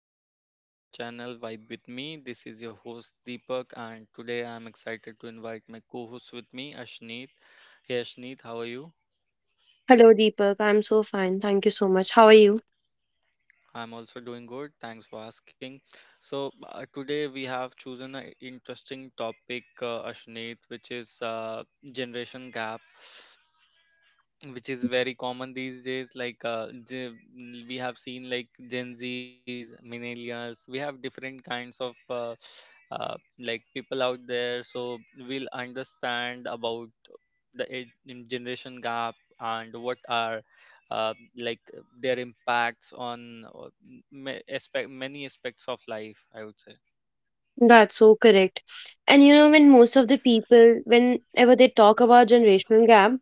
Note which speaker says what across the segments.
Speaker 1: guys, welcome to our channel Vibe with me. This is your host Deepak and today I'm excited to invite my co-host with me Ashneet. Hey Ashneet, how are you?
Speaker 2: Hello, Deepak. I'm so fine. Thank you so much. How are you?
Speaker 1: I'm also doing good. Thanks for asking. So today we have chosen an interesting topic, Ashneet, which is generation gap, which is very common these days, like we have seen like gen z's, millennials, we have different kinds of like people out there. So we'll understand about the age- in generation gap and what are uh, like their impacts on many aspects of life, I would say.
Speaker 2: That's so correct. And you know, when most of the people, whenever they talk about generational gap,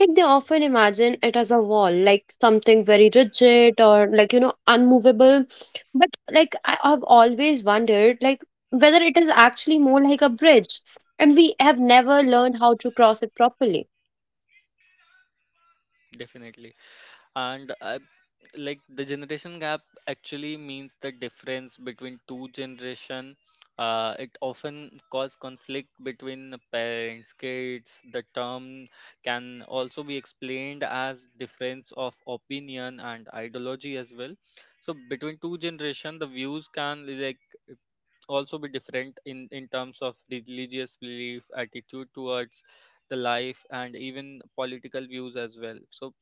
Speaker 2: like they often imagine it as a wall, like something very rigid or like, you know, unmovable. But like I have always wondered, like whether it is actually more like a bridge, and we have never learned how to cross it properly.
Speaker 1: Definitely. And like the generation gap actually means the difference between two generation. It often cause conflict between the parents, kids. The term can also be explained as difference of opinion and ideology as well. So between two generation, the views can like also be different, in terms of religious belief, attitude towards the life, and even political views as well. So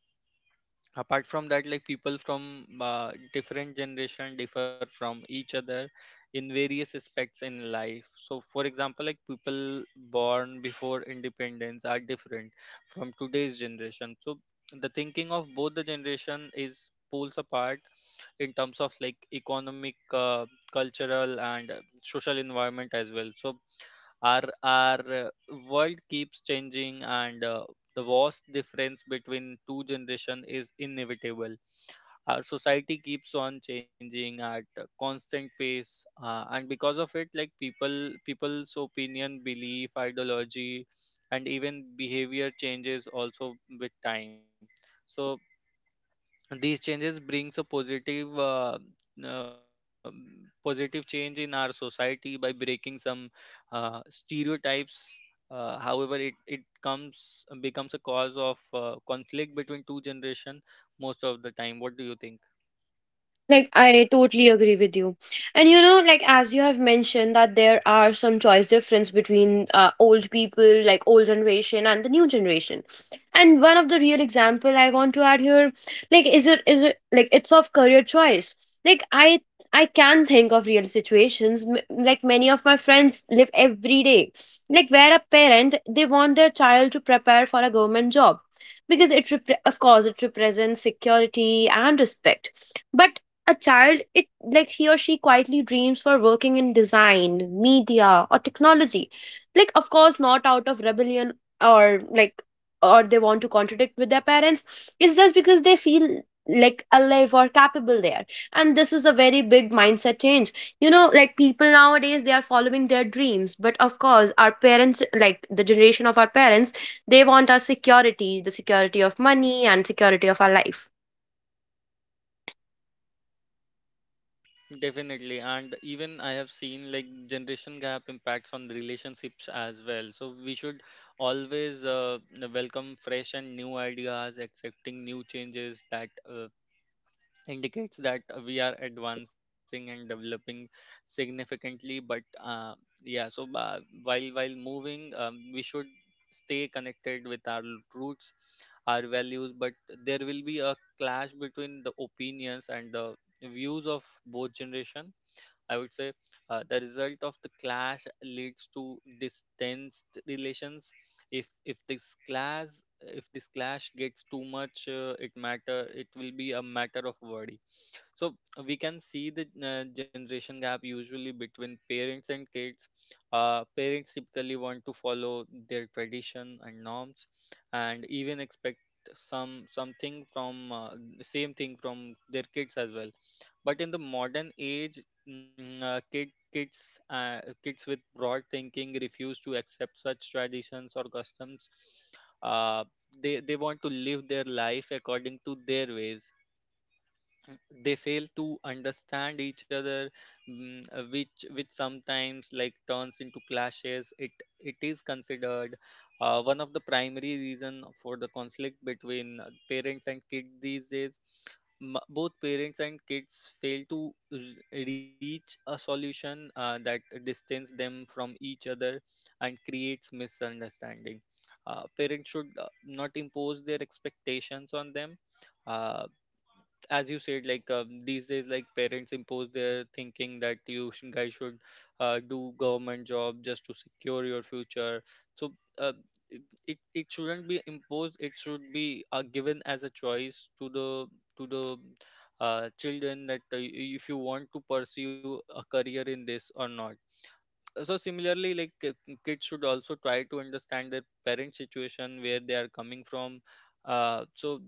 Speaker 1: apart from that, like people from different generation differ from each other in various aspects in life. So for example, like people born before independence are different from today's generation. So the thinking of both the generation is poles apart in terms of like economic, cultural, and social environment as well. So our uh, world keeps changing, and the vast difference between two generation is inevitable. Our society keeps on changing at a constant pace, and because of it, like people's opinion, belief, ideology, and even behavior changes also with time. So these changes brings a uh, positive change in our society by breaking some stereotypes. However, it comes becomes a cause of conflict between two generation most of the time. What do you think?
Speaker 2: Like, I totally agree with you. And you know, like, as you have mentioned, that there are some choice difference between old people, like old generation and the new generation. And one of the real example I want to add here, like, like, it's of career choice. Like, I can think of real situations, like many of my friends live every day, like where a parent, they want their child to prepare for a government job because of course, it represents security and respect. But a child, it, like he or she quietly dreams for working in design, media, or technology, like of course not out of rebellion, or like, or they want to contradict with their parents. It's just because they feel like alive or capable there, and this is a very big mindset change. You know, like people nowadays they are following their dreams, but of course our parents, like the generation of our parents, they want our security, the security of money and security of our life.
Speaker 1: Definitely. And even I have seen like generation gap impacts on relationships as well. So we should always welcome fresh and new ideas, accepting new changes that indicates that we are advancing and developing significantly. But uh, yeah so uh, while while moving, we should stay connected with our roots, our values, but there will be a clash between the opinions and the views of both generation, I would say. The result of the clash leads to distanced relations. If if this clash if this clash gets too much, it will be a matter of worry. So we can see the generation gap usually between parents and kids. Parents typically want to follow their tradition and norms, and even expect something from same thing from their kids as well. But in the modern age, kids with broad thinking refuse to accept such traditions or customs. Uh, they want to live their life according to their ways. They fail to understand each other, which sometimes like turns into clashes. It is considered one of the primary reason for the conflict between parents and kids these days. Both parents and kids fail to reach a solution that distance them from each other and creates misunderstanding. Parents should not impose their expectations on them. Uh, as you said, like these days, like parents impose their thinking that you guys should do government job just to secure your future. So uh, it shouldn't be imposed. It should be given as a choice to the children, that if you want to pursue a career in this or not. So similarly, kids should also try to understand their parents situation, where they are coming from. So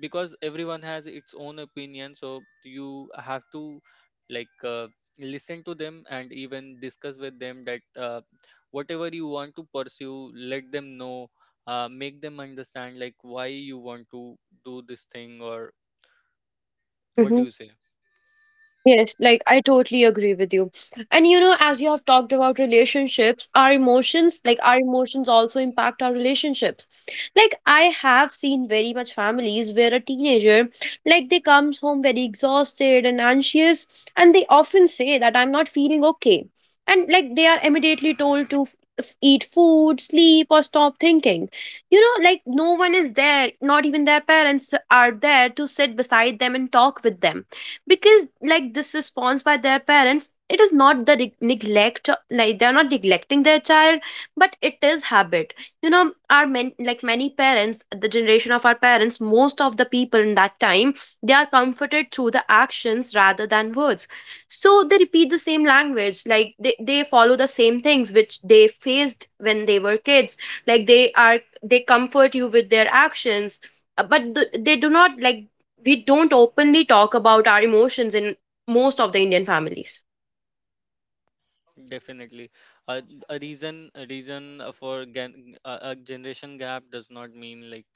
Speaker 1: because everyone has its own opinion, so you have to like listen to them and even discuss with them that whatever you want to pursue, let them know. Make them understand like why you want to do this thing, or what
Speaker 2: Hmm.
Speaker 1: do you say?
Speaker 2: Yes, like I totally agree with you. And you know, as you have talked about relationships, our emotions, like our emotions also impact our relationships. Like I have seen very much families where a teenager, like they comes home very exhausted and anxious, and they often say that I'm not feeling okay. And like they are immediately told to eat food, sleep, or stop thinking. You know, like no one is there, not even their parents are there to sit beside them and talk with them, because like this response by their parents, it is not the neglect, like they're not neglecting their child, but it is habit. You know, our men, like many parents, the generation of our parents, most of the people in that time, they are comforted through the actions rather than words. So they repeat the same language, like they follow the same things which they faced when they were kids, like they are, they comfort you with their actions. Uh, but th- They do not like, we don't openly talk about our emotions in most of the Indian families.
Speaker 1: Definitely. Uh, a reason for gen a generation gap does not mean like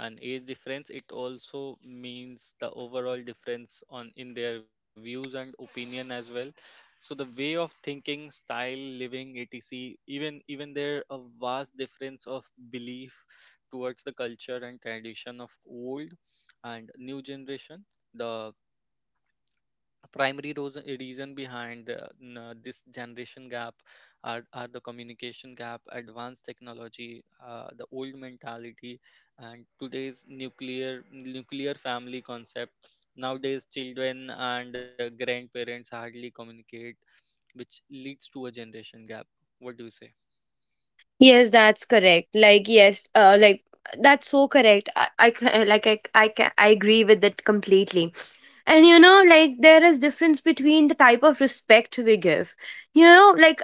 Speaker 1: an age difference. It also means the overall difference on in their views and opinion as well. So the way of thinking, style, living, etc. Even there a vast difference of belief towards the culture and tradition of old and new generation. The a primary rose- reason behind this generation gap are the communication gap, advanced technology, the old mentality, and today's nuclear family concept. Nowadays children and grandparents hardly communicate, which leads to a generation gap. What do you say?
Speaker 2: Yes, that's correct. Like yes, like that's so correct. Like I agree with that completely. And you know, like there is difference between the type of respect we give. You know, like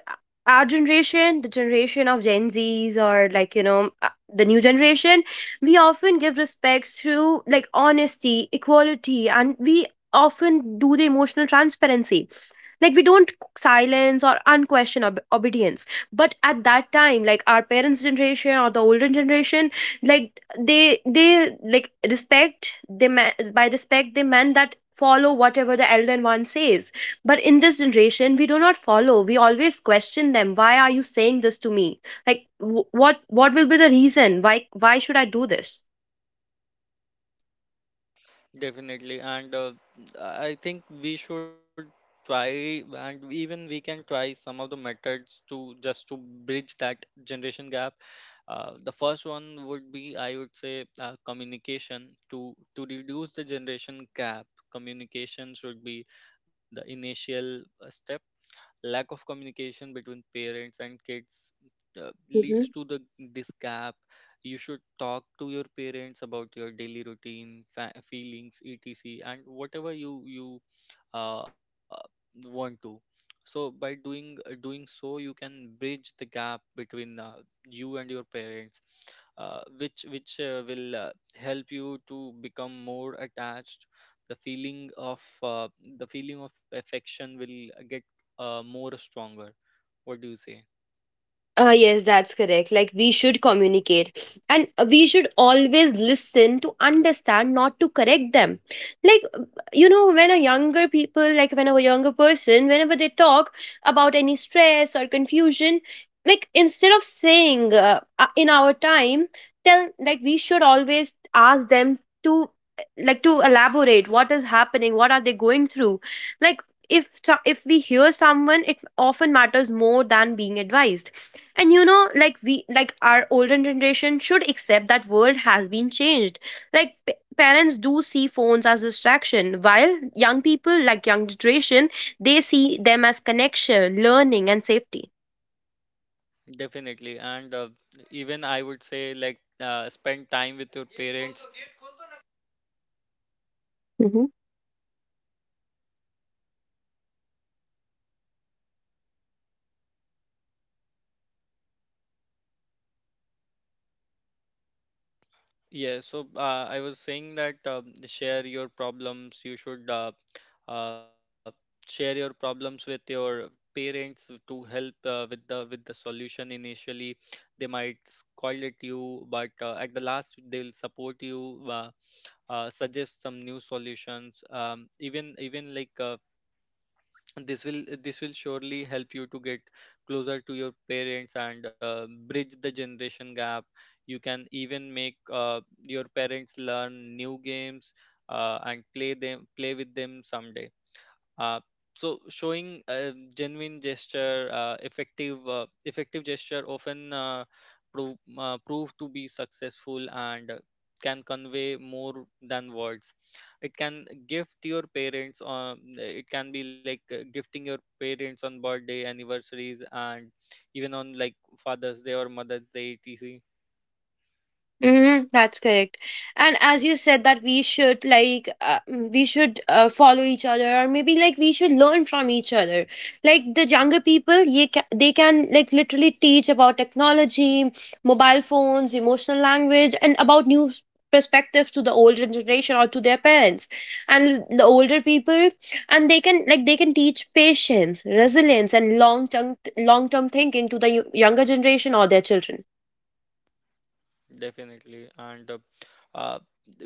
Speaker 2: our generation, the generation of Gen Zs, or like you know the new generation, we often give respects through like honesty, equality, and we often do the emotional transparency. Like we don't silence or obedience, but at that time like our parents generation or the older generation, like they like respect, they by respect they meant that follow whatever the elder one says. But in this generation we do not follow, we always question them, why are you saying this to me? Like what will be the reason, why should I do this?
Speaker 1: Definitely, and I think we should try, and even we can try some of the methods to just to bridge that generation gap. The first one would be, I would say, communication to reduce the generation gap. Communication should be the initial step. Lack of communication between parents and kids leads to the this gap. You should talk to your parents about your daily routine, feelings, etc, and whatever you uh, want to. So by doing so, you can bridge the gap between you and your parents, which will help you to become more attached. The feeling of uh, the feeling of affection will get more stronger. What do you say?
Speaker 2: Yes, that's correct. Like, we should communicate, and we should always listen to understand, not to correct them. Like, you know, when a younger people, like, whenever a younger person, whenever they talk about any stress or confusion, like, instead of saying in our time, tell, like, we should always ask them to, like, to elaborate what is happening, what are they going through. Like, if we hear someone, it often matters more than being advised. And you know, like we, like our older generation should accept that world has been changed. Like parents do see phones as distraction, while young people, like young generation, they see them as connection, learning, and safety.
Speaker 1: Definitely and uh, Even I would say spend time with your parents. I was saying that, share your problems. You should uh, share your problems with your parents to help with the solution initially. They might scold at you, but at the last they'll support you, suggest some new solutions. Even this will surely help you to get closer to your parents and bridge the generation gap. You can even make your parents learn new games, and play with them someday. uh, so showing a genuine gesture effective effective gesture often prove to be successful, and can convey more than words. It can gift your parents, it can be like gifting your parents on birthday, anniversaries, and even on like father's day or mother's day, etc.
Speaker 2: Mm-hmm, that's correct. And as you said that we should like we should follow each other, or maybe like we should learn from each other. Like the younger people, they can like literally teach about technology, mobile phones, emotional language, and about perspectives to the older generation or to their parents, and the older people, and they can like they can teach patience, resilience, and long-term thinking to the younger generation or their children.
Speaker 1: Definitely, and uh,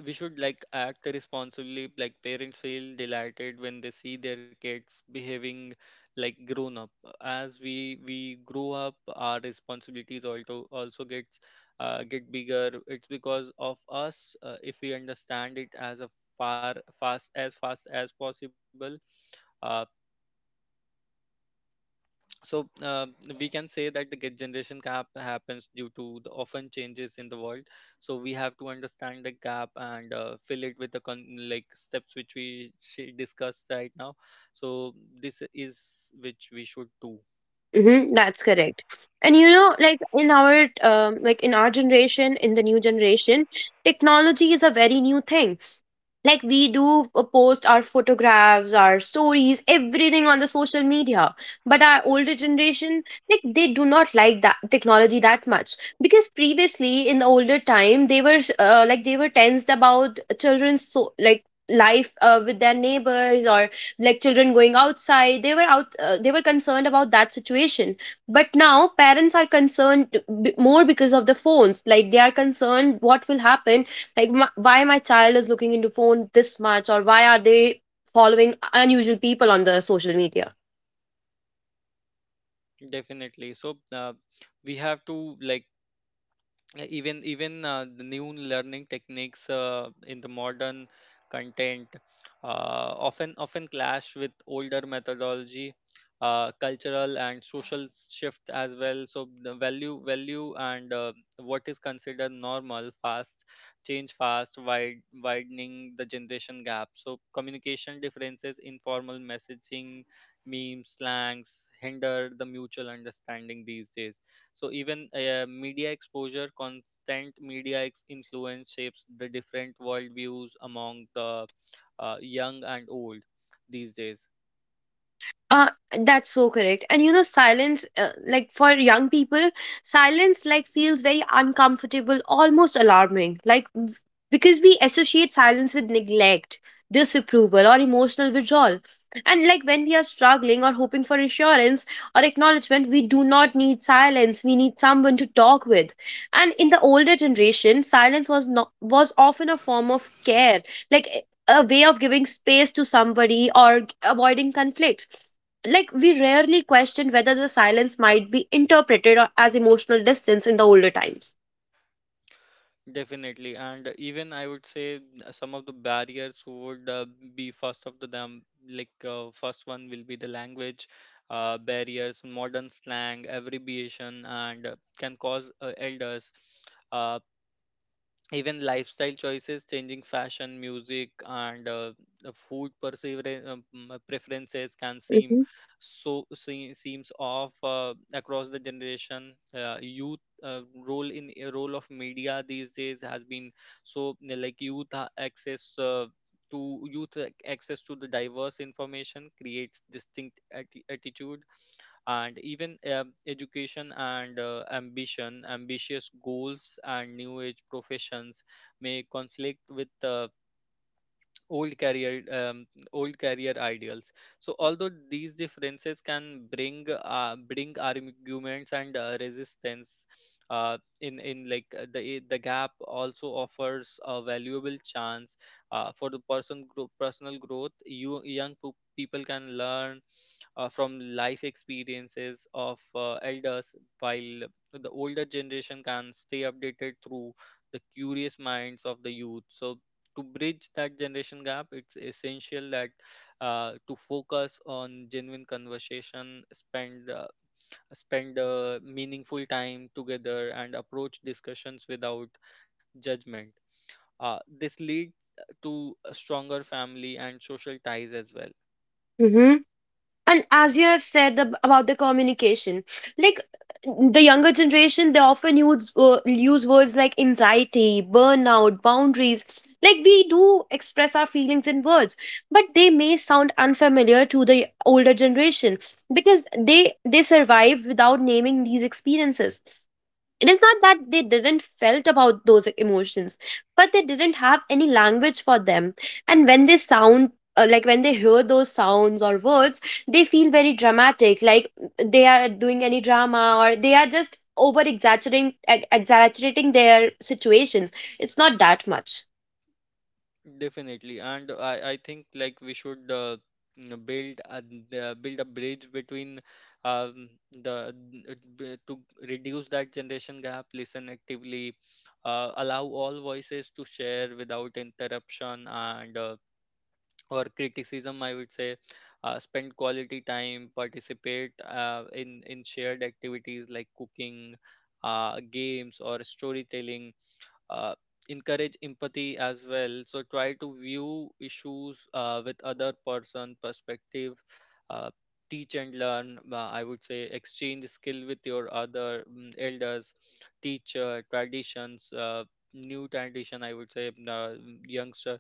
Speaker 1: we should like act responsibly. Like parents feel delighted when they see their kids behaving like grown up. As we grow up, our responsibilities also gets get bigger. It's because of us. If we understand it as a far fast as possible. Uh so uh, we can say that the generation gap happens due to the often changes in the world. So we have to understand the gap and fill it with the steps which we discussed right now. So this is which we should do.
Speaker 2: Mm-hmm, that's correct. And you know, like in our generation, in the new generation, technology is a very new thing. Like we do post our photographs, our stories, everything on the social media. But our older generation, like they do not like that technology that much, because previously in the older time they were like they were tensed about children's, so like life with their neighbors, or like children going outside, they were out, they were concerned about that situation. But now parents are concerned more because of the phones, like they are concerned what will happen, like why my child is looking into phone this much, or why are they following unusual people on the social media.
Speaker 1: Definitely. We have to like, yeah, even the new learning techniques in the modern content often clash with older methodology, cultural and social shift as well. So the value and what is considered normal fast change fast, widening the generation gap. So communication differences, informal messaging, memes, slangs hinder the mutual understanding these days. So even media exposure, constant media influence shapes the different worldviews among the young and old these days.
Speaker 2: Uh, that's so correct. And you know, silence, like for young people, silence like feels very uncomfortable, almost alarming. Like because we associate silence with neglect, disapproval, or emotional withdrawal. And like when we are struggling or hoping for assurance or acknowledgement, we do not need silence. We need someone to talk with. And in the older generation, silence was not, was often a form of care, like a way of giving space to somebody or avoiding conflict. Like we rarely question whether the silence might be interpreted as emotional distance in the older times.
Speaker 1: Definitely, and even I would say some of the barriers would be first of the them. First one will be the language barriers, modern slang, abbreviation, and can cause elders. Uh, Even lifestyle choices, changing fashion, music, and the food preferences can seem
Speaker 2: Mm-hmm.
Speaker 1: seems off across the generation. Youth role in Role of media these days has been. So youth access to the diverse information creates distinct attitudes. And even education and ambition ambitious goals and new age professions may conflict with old career um, old career ideals. So although these differences can bring arguments and resistance, in like the gap also offers a valuable chance for the personal growth. Young people can learn from life experiences of elders, while the older generation can stay updated through the curious minds of the youth. So, to bridge that generation gap, it's essential that to focus on genuine conversation, spend meaningful time together, and approach discussions without judgment. This lead to a stronger family and social ties as well.
Speaker 2: Mm-hmm. And as you have said about the communication, like the younger generation they often use use words like anxiety, burnout, boundaries. Like we do express our feelings in words, but they may sound unfamiliar to the older generation, because they survive without naming these experiences. It is not that they didn't felt about those emotions, but they didn't have any language for them. And when they sound, like when they hear those sounds or words, they feel very dramatic, like they are doing any drama, or they are just over exaggerating their situations. It's not that much.
Speaker 1: Definitely, and I think like we should you build a, build a bridge between um, the to reduce that generation gap. Listen actively, allow all voices to share without interruption and or criticism. I would say, spend quality time, participate in shared activities like cooking, games or storytelling. uh, Encourage empathy as well, so try to view issues with other person perspective. uh, Teach and learn, I would say exchange skill with your other elders. Teach traditions, new tradition I would say, youngster,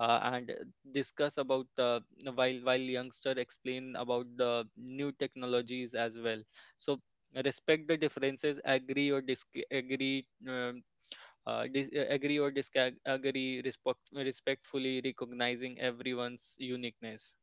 Speaker 1: and discuss about, while youngster explain about the new technologies as well. So respect the differences, agree or disagree. Agree or disagree respectfully, recognizing everyone's uniqueness.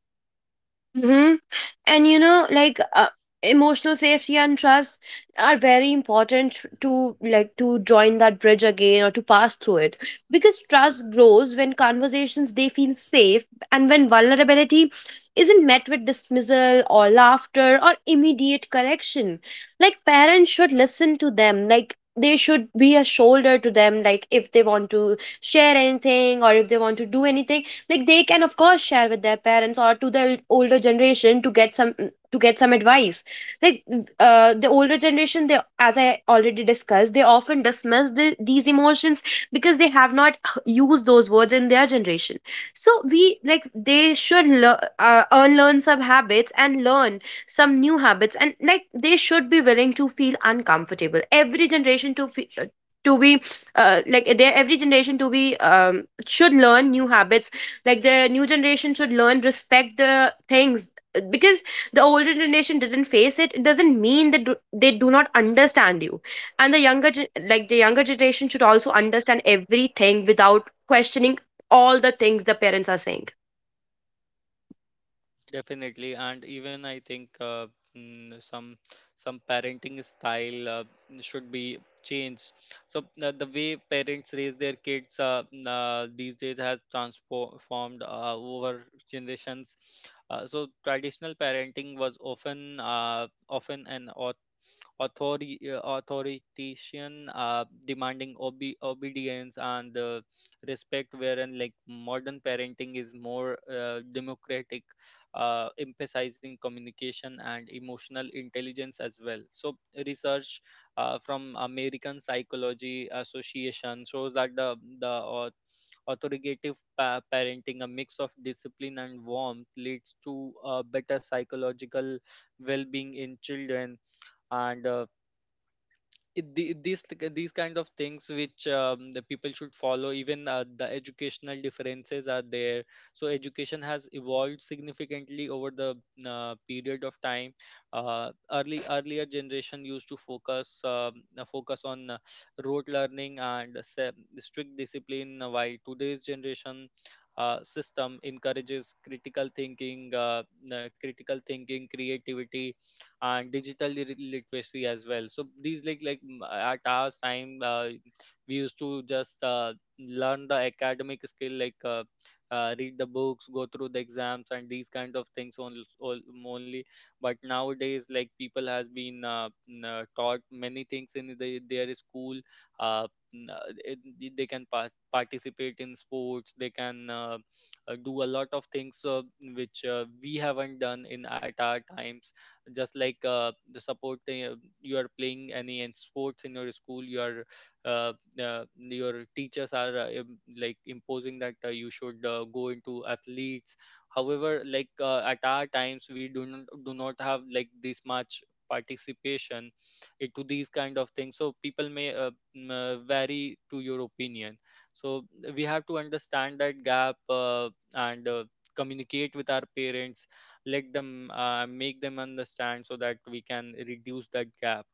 Speaker 2: And you know, like emotional safety and trust are very important to like to join that bridge again or to pass through it, because trust grows when conversations they feel safe, and when vulnerability isn't met with dismissal or laughter or immediate correction. Like parents should listen to them, like they should be a shoulder to them, like if they want to share anything or if they want to do anything, like they can of course share with their parents or to the older generation to get some, to get some advice. Like the older generation, they, as I already discussed, they often dismiss these emotions because they have not used those words in their generation. So we like they should unlearn some habits and learn some new habits, and like they should be willing to feel uncomfortable, every generation to feel, to be, like their every generation to be, should learn new habits. Like the new generation should learn respect the things, because the older generation didn't face it, it doesn't mean that they do not understand you. And the like the younger generation should also understand everything without questioning all the things the parents are saying.
Speaker 1: Definitely, and even I think, mm, some some parenting style should be changed. So the way parents raise their kids, these days has transformed over generations. So traditional parenting was often an authoritarian, demanding obedience and respect, wherein like modern parenting is more democratic, emphasizing communication and emotional intelligence as well. So research from American Psychology Association shows that the authoritative parenting, a mix of discipline and warmth, leads to better psychological well-being in children. And these like, these kind of things which the people should follow. Even the educational differences are there. So education has evolved significantly over the period of time. Early Earlier generation used to focus focus on rote learning and strict discipline, while today's generation system encourages critical thinking, creativity and digital literacy as well. So these like, at our time, we used to just learn the academic skill like, read the books, go through the exams and these kind of things only, only. But nowadays like people has been, taught many things in the, their school. uh, they can participate in sports, they can, do a lot of things, which we haven't done in at our times. Just like, the supporting you are playing any in sports in your school, your, uh, your teachers are, like imposing that you should go into athletes. However like, at our times we do not have like this much participation into these kind of things. So people may, vary to your opinion. So we have to understand that gap, and communicate with our parents, let them, make them understand so that we can reduce that gap.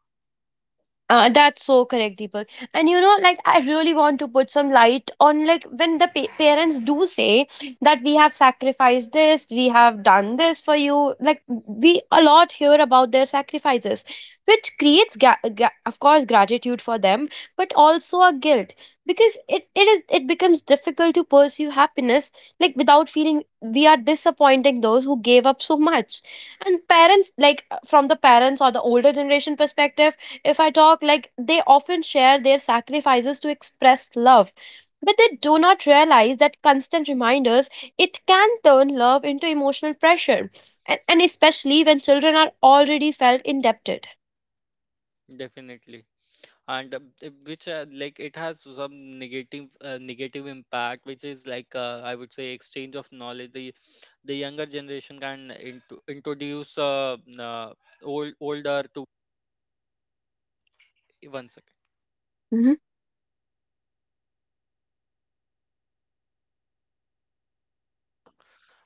Speaker 2: That's so correct, Deepak. And you know, like I really want to put some light on like when the parents do say that we have sacrificed this, we have done this for you. Like we a lot hear about their sacrifices, which creates, of course, gratitude for them, but also a guilt, because it becomes difficult to pursue happiness like without feeling we are disappointing those who gave up so much. And parents, like from the parents or the older generation perspective if I talk, like they often share their sacrifices to express love. But they do not realize that constant reminders, it can turn love into emotional pressure, and especially when children are already felt indebted.
Speaker 1: Definitely, and which like it has some negative, negative impact, which is like, I would say exchange of knowledge. The younger generation can into introduce, old older to, one second.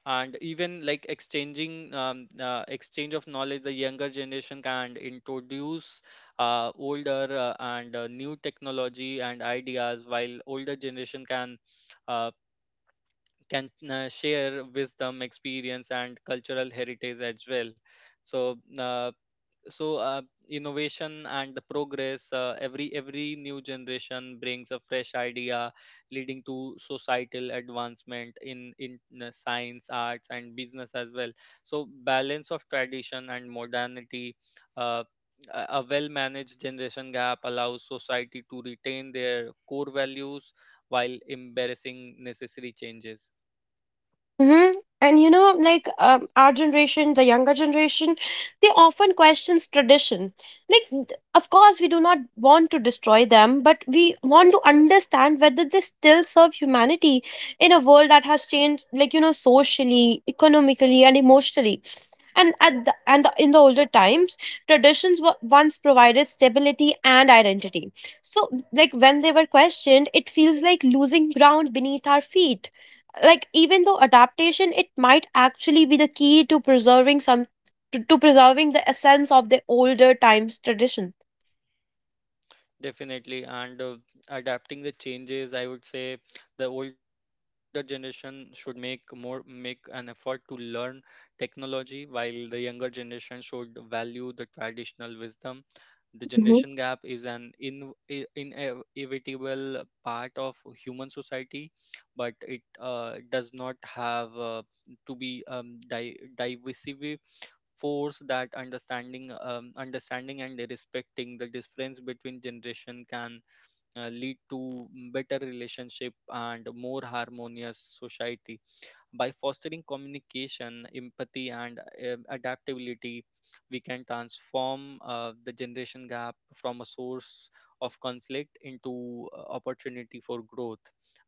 Speaker 1: And even like exchanging, exchange of knowledge, the younger generation can introduce, older, and new technology and ideas, while older generation can, uh, share wisdom, experience and cultural heritage as well. So uh, so uh, innovation and the progress, every new generation brings a fresh idea, leading to societal advancement in science, arts and business as well. So balance of tradition and modernity, uh, a well-managed generation gap allows society to retain their core values while embracing necessary changes.
Speaker 2: Mm-hmm. And you know, like our generation, the younger generation, they often questions tradition. Like, of course, we do not want to destroy them, but we want to understand whether they still serve humanity in a world that has changed, like you know, socially, economically, and emotionally. And at the, and the, in the older times, traditions were once provided stability and identity. So, like when they were questioned, it feels like losing ground beneath our feet, like even though adaptation it might actually be the key to preserving some, to preserving the essence of the older times tradition.
Speaker 1: Definitely, and adapting the changes, I would say the older generation should make an effort to learn technology, while the younger generation should value the traditional wisdom. The generation gap is an inevitable part of human society, but it does not have to be divisive force. That understanding and respecting the difference between generation can, lead to better relationship and more harmonious society. By fostering communication, empathy, and adaptability, we can transform the generation gap from a source of conflict into opportunity for growth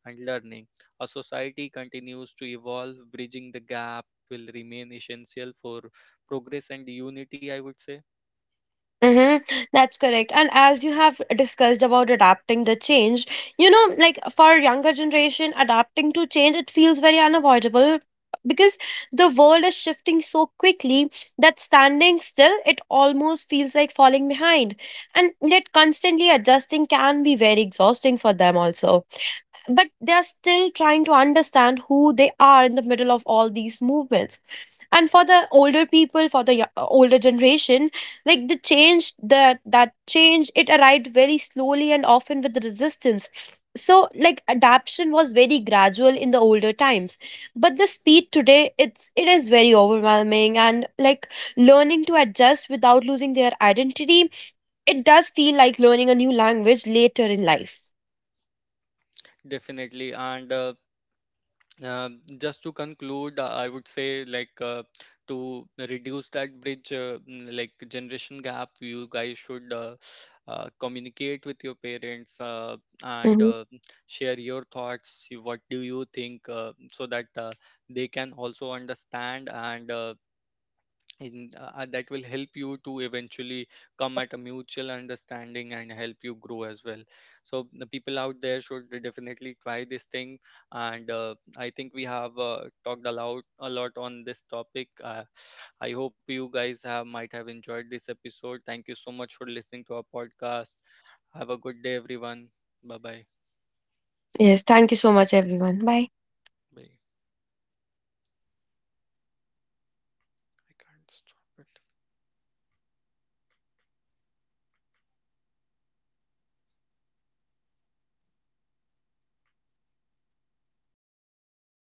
Speaker 1: and learning. A society continues to evolve, bridging the gap will remain essential for progress and unity, I would say.
Speaker 2: Mm-hmm. That's correct. And as you have discussed about adapting the change, you know, like for younger generation, adapting to change, it feels very unavoidable because the world is shifting so quickly that standing still, it almost feels like falling behind. And yet constantly adjusting can be very exhausting for them also. But they are still trying to understand who they are in the middle of all these movements. And for the older people, for the older generation, like the change, that change, it arrived very slowly and often with resistance. So like adaption was very gradual in the older times, but the speed today, it is very overwhelming, and like learning to adjust without losing their identity, it does feel like learning a new language later in life.
Speaker 1: Definitely, and just to conclude, I would say like, to reduce that bridge, like generation gap, you guys should, communicate with your parents uh, and
Speaker 2: Mhm.
Speaker 1: uh, share your thoughts. What do you think, so that they can also understand and, that will help you to eventually come at a mutual understanding and help you grow as well. So the people out there should definitely try this thing. And I think we have talked a lot on this topic. I hope you guys have might have enjoyed this episode. Thank you so much for listening to our podcast. Have a good day everyone. Bye bye.
Speaker 2: Yes, thank you so much, everyone. Bye.
Speaker 1: Bye. I can't stop it.